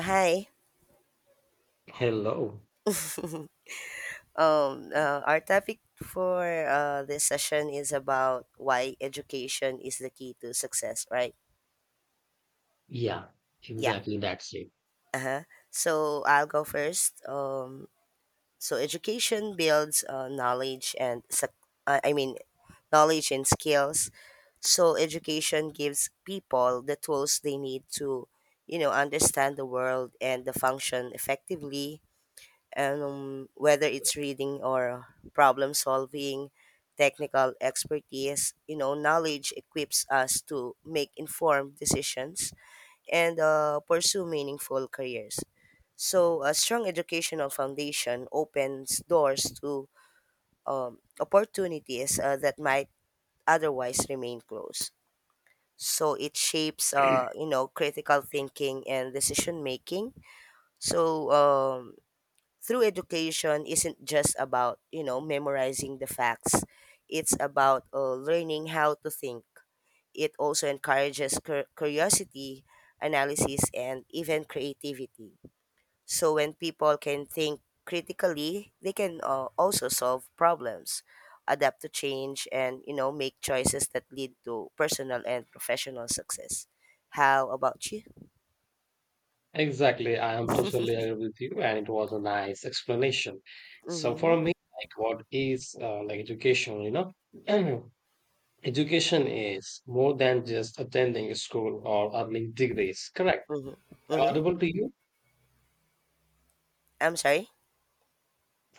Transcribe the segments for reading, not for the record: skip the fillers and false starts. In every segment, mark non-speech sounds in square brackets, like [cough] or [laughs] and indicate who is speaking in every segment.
Speaker 1: Hi.
Speaker 2: Hello.
Speaker 1: Our topic for this session is about why education is the key to success, right?
Speaker 2: Yeah,
Speaker 1: Yeah.
Speaker 2: exactly. That's it.
Speaker 1: So I'll go first. So education builds knowledge and uh, I mean knowledge and skills. So education gives people the tools they need to, understand the world and the function effectively whether it's reading or problem solving, technical expertise, knowledge equips us to make informed decisions and pursue meaningful careers. So a strong educational foundation opens doors to opportunities that might otherwise remain closed. So it shapes critical thinking and decision making. So um, through education isn't just about memorizing the facts. It's about learning how to think. It also encourages curiosity, analysis, and even creativity. So when people can think critically, they can also solve problems, adapt to change, and make choices that lead to personal and professional success. How about you?
Speaker 2: Exactly. I am totally agree with you, and it was a nice explanation. So
Speaker 1: Mm-hmm.
Speaker 2: for me, like what is like education, [clears throat] Education is more than just attending a school or earning degrees. Correct.
Speaker 1: Mm-hmm.
Speaker 2: Am I
Speaker 1: Mm-hmm.
Speaker 2: Audible to you?
Speaker 1: I'm sorry.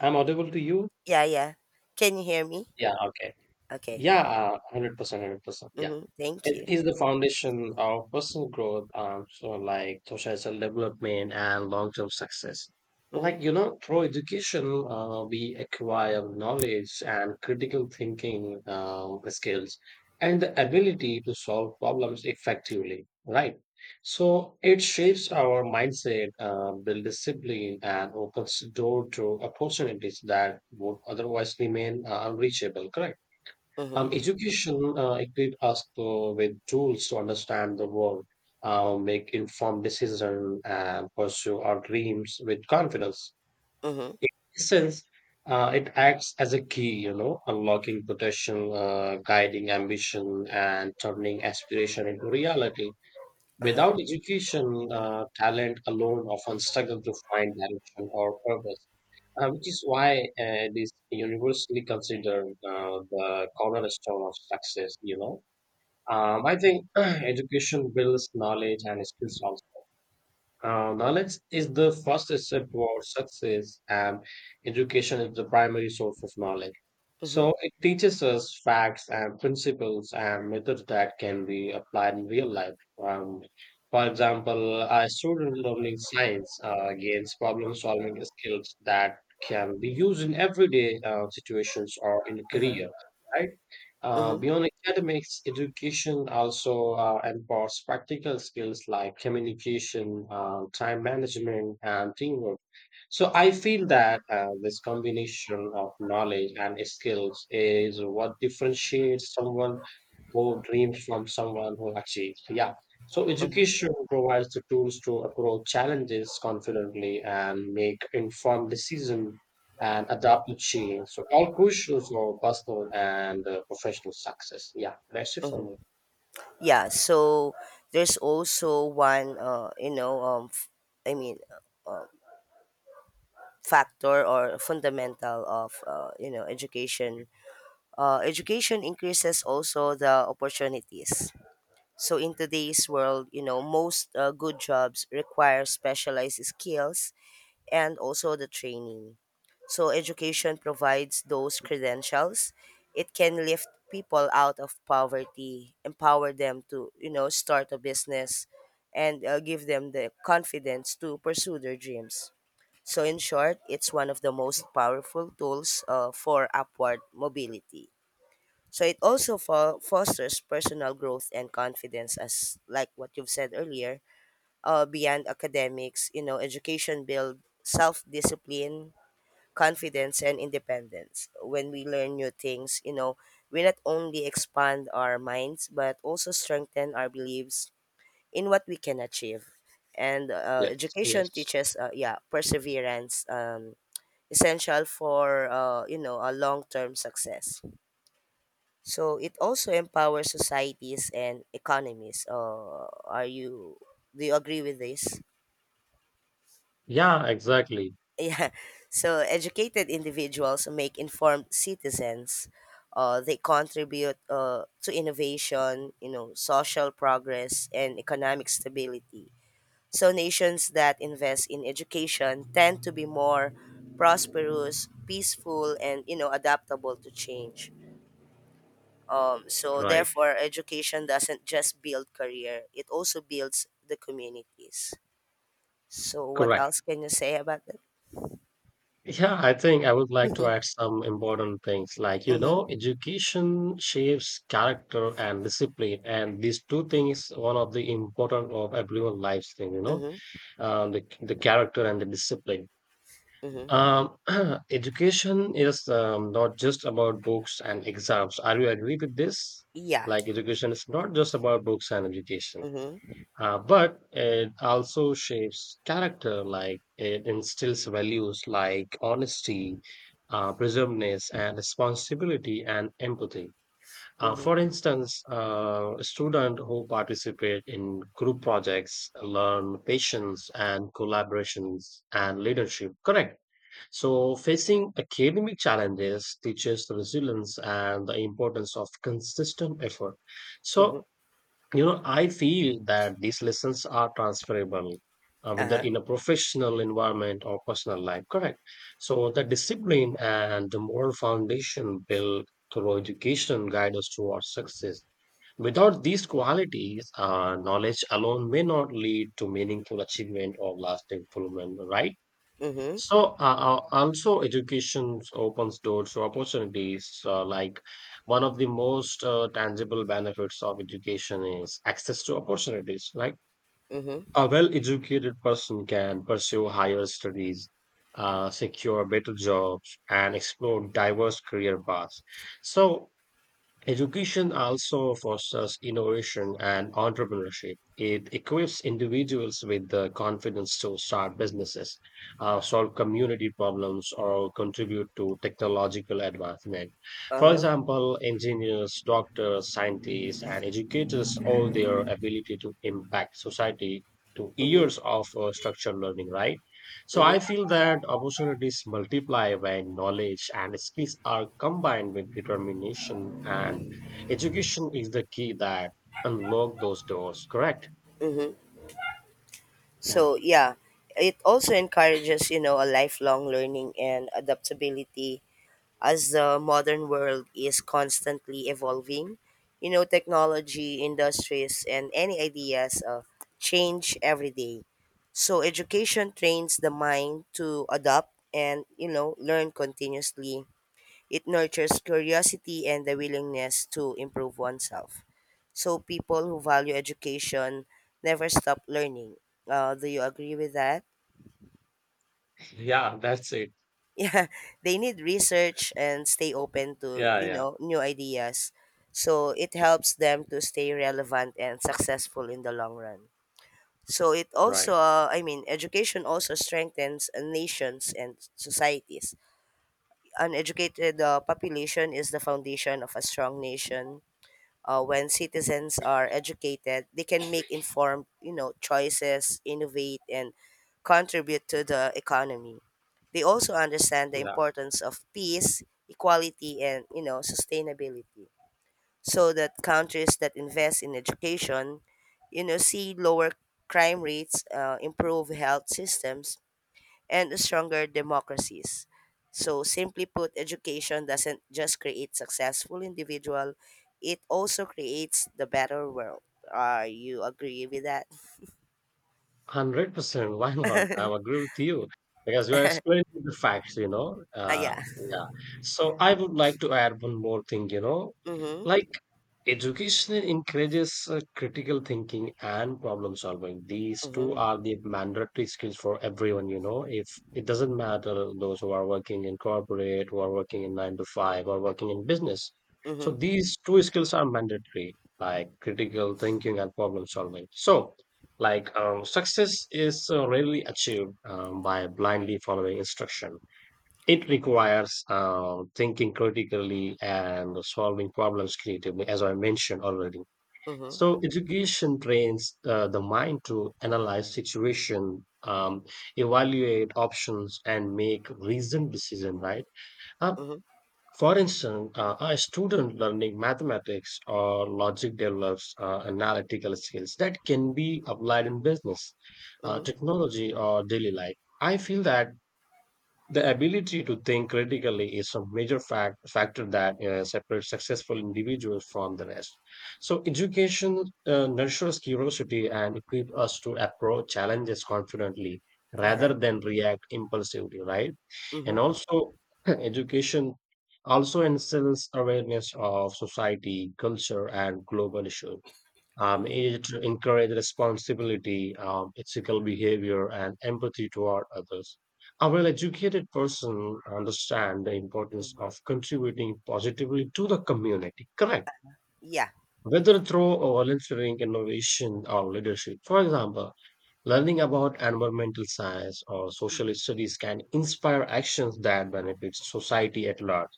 Speaker 2: I'm audible to you?
Speaker 1: Yeah, yeah. Can you hear me?
Speaker 2: Yeah, okay.
Speaker 1: Okay.
Speaker 2: Yeah, 100%, 100%. Yeah.
Speaker 1: Mhm. Thank
Speaker 2: It
Speaker 1: you.
Speaker 2: is the foundation of personal growth, so like social development and long-term success.
Speaker 1: Mhm.
Speaker 2: Like, through education, we acquire knowledge and critical thinking skills and the ability to solve problems effectively, right? So it shapes our mindset, build discipline, and opens door to opportunities that would otherwise remain unreachable, correct?
Speaker 1: Mhm.
Speaker 2: Education equips us to, with tools to understand the world, make informed decisions, and pursue our dreams with confidence.
Speaker 1: Mhm.
Speaker 2: In essence, it acts as a key, unlocking potential, guiding ambition, and turning aspiration into reality.
Speaker 1: Uh-huh.
Speaker 2: Without education, talent alone often struggle to find direction or purpose, which is why it is universally considered the cornerstone of success. I think [clears throat] education builds knowledge and skills also. Knowledge is the first step towards success, and education is the primary source of knowledge.
Speaker 1: Mhm.
Speaker 2: So, it teaches us facts and principles and methods that can be applied in real life. Um, for example, a student learning science gains problem solving skills that can be used in everyday situations or in
Speaker 1: Mhm.
Speaker 2: career, right?
Speaker 1: Mhm.
Speaker 2: Beyond academics, education also empowers practical skills like communication, time management, and teamwork. So I feel that this combination of knowledge and skills is what differentiates someone who dreams from someone who achieves. Yeah. So
Speaker 1: Mhm.
Speaker 2: education provides the tools to approach challenges confidently and make informed decisions and adapted change. So all questions on personal and professional success. Yeah, that's it for
Speaker 1: Mhm.
Speaker 2: me.
Speaker 1: Yeah, so there's also one you know f- I mean factor or fundamental of education. Education increases also the opportunities. So in today's world, most good jobs require specialized skills and also the training. So education provides those credentials. It can lift people out of poverty, empower them to, start a business, and give them the confidence to pursue their dreams. So in short, it's one of the most powerful tools for upward mobility. So it also fosters personal growth and confidence, as like what you've said earlier. Beyond academics, education build self-discipline, confidence, and independence. When we learn new things, we not only expand our minds but also strengthen our beliefs in what we can achieve. And
Speaker 2: Yes,
Speaker 1: education
Speaker 2: yes.
Speaker 1: teaches, yeah, perseverance, essential for a long-term success. So it also empowers societies and economies. Are you? Do you agree with this?
Speaker 2: Yeah, exactly.
Speaker 1: [laughs] yeah, so educated individuals make informed citizens. They contribute to innovation, social progress, and economic stability. So nations that invest in education tend to be more prosperous, peaceful, and adaptable to change. So
Speaker 2: Right.
Speaker 1: therefore, education doesn't just build career, it also builds the communities. So what
Speaker 2: Correct.
Speaker 1: else can you say about that?
Speaker 2: Yeah, I think I would like to add some important things like,
Speaker 1: Mm-hmm.
Speaker 2: education shapes character and discipline. And these two things, one of the important of everyone's lives thing,
Speaker 1: Mm-hmm.
Speaker 2: the character and the discipline.
Speaker 1: Mm-hmm.
Speaker 2: Um, [clears throat] education is not just about books and exams. Are you agree with this?
Speaker 1: Yeah.
Speaker 2: Like education is not just about books and education,
Speaker 1: Mhm.
Speaker 2: but it also shapes character. Like it instills values like honesty, preservedness, and responsibility and empathy.
Speaker 1: Mhm.
Speaker 2: For instance, a student who participate in group projects learn patience and collaborations and leadership. Correct, so, facing academic challenges teaches the resilience and the importance of consistent effort.
Speaker 1: Mhm.
Speaker 2: So, I feel that these lessons are transferable, whether
Speaker 1: Uh-huh.
Speaker 2: in a professional environment or personal life, correct? So, the discipline and the moral foundation built through education guide us towards success. Without these qualities, knowledge alone may not lead to meaningful achievement or lasting fulfillment, right?
Speaker 1: Mhm.
Speaker 2: Also education opens doors to opportunities. Like one of the most tangible benefits of education is access to opportunities. Like
Speaker 1: Mhm.
Speaker 2: a well-educated person can pursue higher studies, secure better jobs, and explore diverse career paths. So, education also fosters innovation and entrepreneurship. It equips individuals with the confidence to start businesses, solve community problems, or contribute to technological advancement. For
Speaker 1: Uh-huh.
Speaker 2: example, engineers, doctors, scientists, and educators owe their ability to impact society to
Speaker 1: Mhm.
Speaker 2: years of structured learning, right? So
Speaker 1: Mhm.
Speaker 2: I feel that opportunities multiply when knowledge and skills are combined with determination, and education is the key that unlock those doors. Correct?
Speaker 1: Mhm.
Speaker 2: Yeah,
Speaker 1: So, yeah, it also encourages, a lifelong learning and adaptability as the modern world is constantly evolving. You know, technology, industries, and any ideas change every day. So education trains the mind to adapt and, learn continuously. It nurtures curiosity and the willingness to improve oneself. So people who value education never stop learning. Do you agree with that? [laughs]
Speaker 2: yeah, that's it.
Speaker 1: Yeah, they need research and stay open to
Speaker 2: Yeah, yeah,
Speaker 1: new ideas. So it helps them to stay relevant and successful in the long run. So it
Speaker 2: right.
Speaker 1: also, I mean, education also strengthens nations and societies. An educated population is the foundation of a strong nation. When citizens are educated, they can make informed, choices, innovate, and contribute to the economy. They also understand the
Speaker 2: Yeah,
Speaker 1: importance of peace, equality, and sustainability. So that countries that invest in education, see lower crime rates, improve health systems, and stronger democracies. So, simply put, education doesn't just create successful individual, it also creates the better world. Are you agree with that?
Speaker 2: 100%. [laughs] Why not?
Speaker 1: [laughs]
Speaker 2: I agree with you because you are explaining the facts. You know.
Speaker 1: Ah, yeah.
Speaker 2: Yeah. So I would like to add one more thing.
Speaker 1: Mhm.
Speaker 2: Like education encourages critical thinking and problem solving. These two
Speaker 1: Mhm.
Speaker 2: are the mandatory skills for everyone, If it doesn't matter those who are working in corporate, who are working in nine to five, or working in business. So
Speaker 1: Mhm.
Speaker 2: these two skills are mandatory, like critical thinking and problem solving. So, success is rarely achieved by blindly following instruction. It requires thinking critically and solving problems creatively, as I mentioned already.
Speaker 1: Mhm.
Speaker 2: So, education trains the mind to analyze situation, evaluate options, and make reasoned decision, right? Uh,
Speaker 1: Mhm.
Speaker 2: for instance, a student learning mathematics or logic develops analytical skills that can be applied in business,
Speaker 1: Mhm.
Speaker 2: technology, or daily life. I feel that the ability to think critically is a major factor that separates successful individuals from the rest. So, education nurtures curiosity and equips us to approach challenges confidently
Speaker 1: Uh-huh.
Speaker 2: rather than react impulsively, right? And
Speaker 1: Mhm.
Speaker 2: also, [clears throat] education also instills awareness of society, culture, and global issues.
Speaker 1: Mhm.
Speaker 2: It encourages responsibility, ethical behavior, and empathy toward others. A well educated person understands the importance
Speaker 1: Mhm.
Speaker 2: of contributing positively to the community, correct?
Speaker 1: Yeah.
Speaker 2: Whether through volunteering, innovation, or leadership. For example, learning about environmental science or social
Speaker 1: Mhm.
Speaker 2: studies can inspire actions that benefit society at large.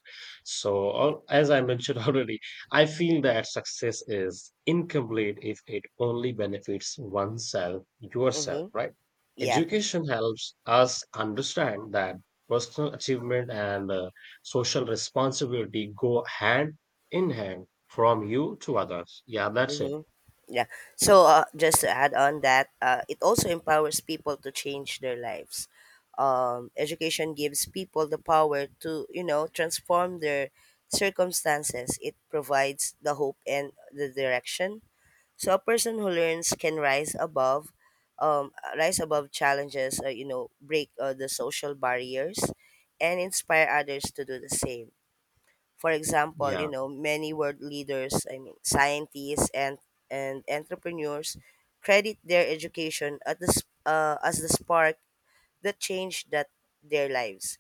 Speaker 2: So, as I mentioned [laughs] already, I feel that success is incomplete if it only benefits oneself, yourself,
Speaker 1: Mhm.
Speaker 2: right?
Speaker 1: Yeah.
Speaker 2: Education helps us understand that personal achievement and social responsibility go hand in hand from you to others. Yeah, that's it.
Speaker 1: Mm-hmm. Yeah. So just to add on that, it also empowers people to change their lives. Education gives people the power to, transform their circumstances. It provides the hope and the direction. So a person who learns can rise above, um, rise above challenges, break the social barriers, and inspire others to do the same. For example,
Speaker 2: Yeah,
Speaker 1: many world leaders, I mean, scientists and entrepreneurs credit their education at the, as the spark that changed that their lives.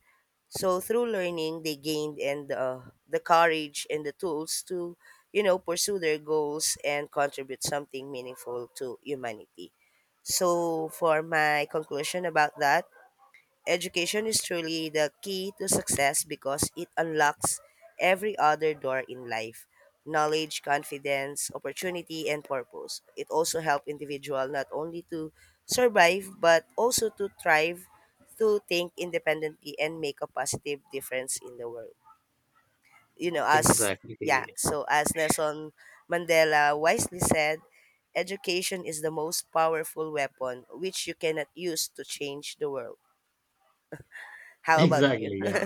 Speaker 1: So through learning, they gained and the courage and the tools to, pursue their goals and contribute something meaningful to humanity. So for my conclusion about that, education is truly the key to success because it unlocks every other door in life: knowledge, confidence, opportunity, and purpose. It also helps individual not only to survive but also to thrive, to think independently, and make a positive difference in the world. You know, as yeah,
Speaker 2: exactly. [laughs]
Speaker 1: so as Nelson Mandela wisely said, education is the most powerful weapon which you cannot use to change the world. How about you?
Speaker 2: Exactly. Yeah.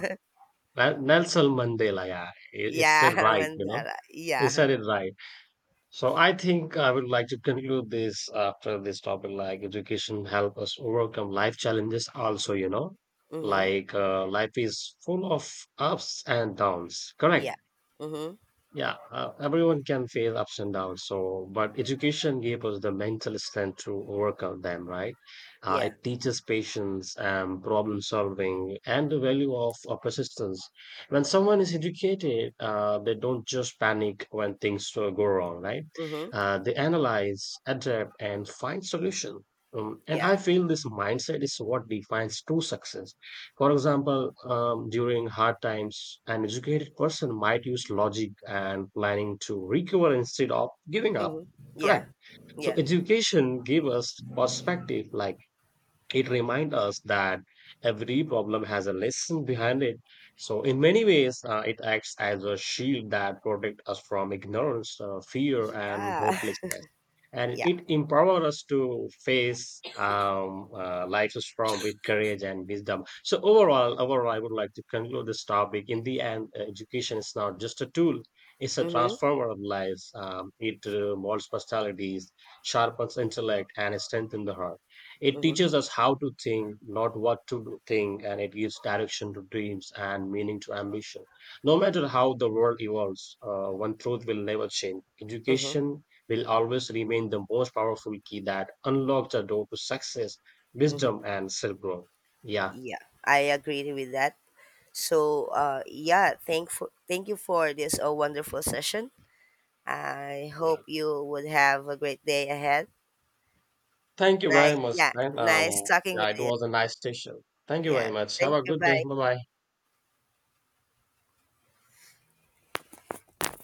Speaker 2: Well, Nelson Mandela, yeah, it said
Speaker 1: Yeah, [laughs]
Speaker 2: right,
Speaker 1: Mandara.
Speaker 2: he
Speaker 1: Yeah.
Speaker 2: said it right. So I think I would like to conclude this after this topic, like education help us overcome life challenges. Also,
Speaker 1: Mm-hmm.
Speaker 2: like life is full of ups and downs. Correct.
Speaker 1: Yeah. Mm-hmm.
Speaker 2: Yeah, everyone can face ups and downs. So, but education gave us the mental strength to overcome them, right?
Speaker 1: Yeah.
Speaker 2: It teaches patience and problem solving and the value of persistence. When someone is educated, they don't just panic when things go wrong, right?
Speaker 1: Mm-hmm.
Speaker 2: They analyze, adapt, and find solution. And I
Speaker 1: Yeah.
Speaker 2: feel this mindset is what defines true success. For example, during hard times, an educated person might use logic and planning to recover instead of giving up.
Speaker 1: Mm-hmm. Yeah.
Speaker 2: Correct. So
Speaker 1: Yeah.
Speaker 2: education gives us perspective, like it reminds us that every problem has a lesson behind it. So, in many ways, it acts as a shield that protects us from ignorance, fear, and
Speaker 1: Yeah. [laughs]
Speaker 2: hopelessness. And
Speaker 1: Yeah.
Speaker 2: it empowers us to face life's storm with courage and wisdom. So, overall, I would like to conclude this topic. In the end, education is not just a tool; it's a
Speaker 1: Mm-hmm.
Speaker 2: transformer of lives. It molds personalities, sharpens intellect, and strengthens the heart. It
Speaker 1: Mm-hmm.
Speaker 2: teaches us how to think, not think, and it gives direction to dreams and meaning to ambition. No matter how the world evolves, one truth will never change.
Speaker 1: Mm-hmm.
Speaker 2: Education will always remain the most powerful key that unlocks the door to success,
Speaker 1: Mm-hmm.
Speaker 2: wisdom, and self growth. Yeah.
Speaker 1: Yeah. I agree with that. So yeah, thank you for this wonderful session. I
Speaker 2: Yeah.
Speaker 1: hope you would have a great day ahead.
Speaker 2: Thank you very
Speaker 1: Nice,
Speaker 2: much,
Speaker 1: yeah,
Speaker 2: man.
Speaker 1: nice talking with
Speaker 2: Yeah, it
Speaker 1: you.
Speaker 2: was a nice session. Thank you
Speaker 1: Yeah.
Speaker 2: very much. Have
Speaker 1: Thank
Speaker 2: a
Speaker 1: you.
Speaker 2: good day.
Speaker 1: Bye.
Speaker 2: Bye bye.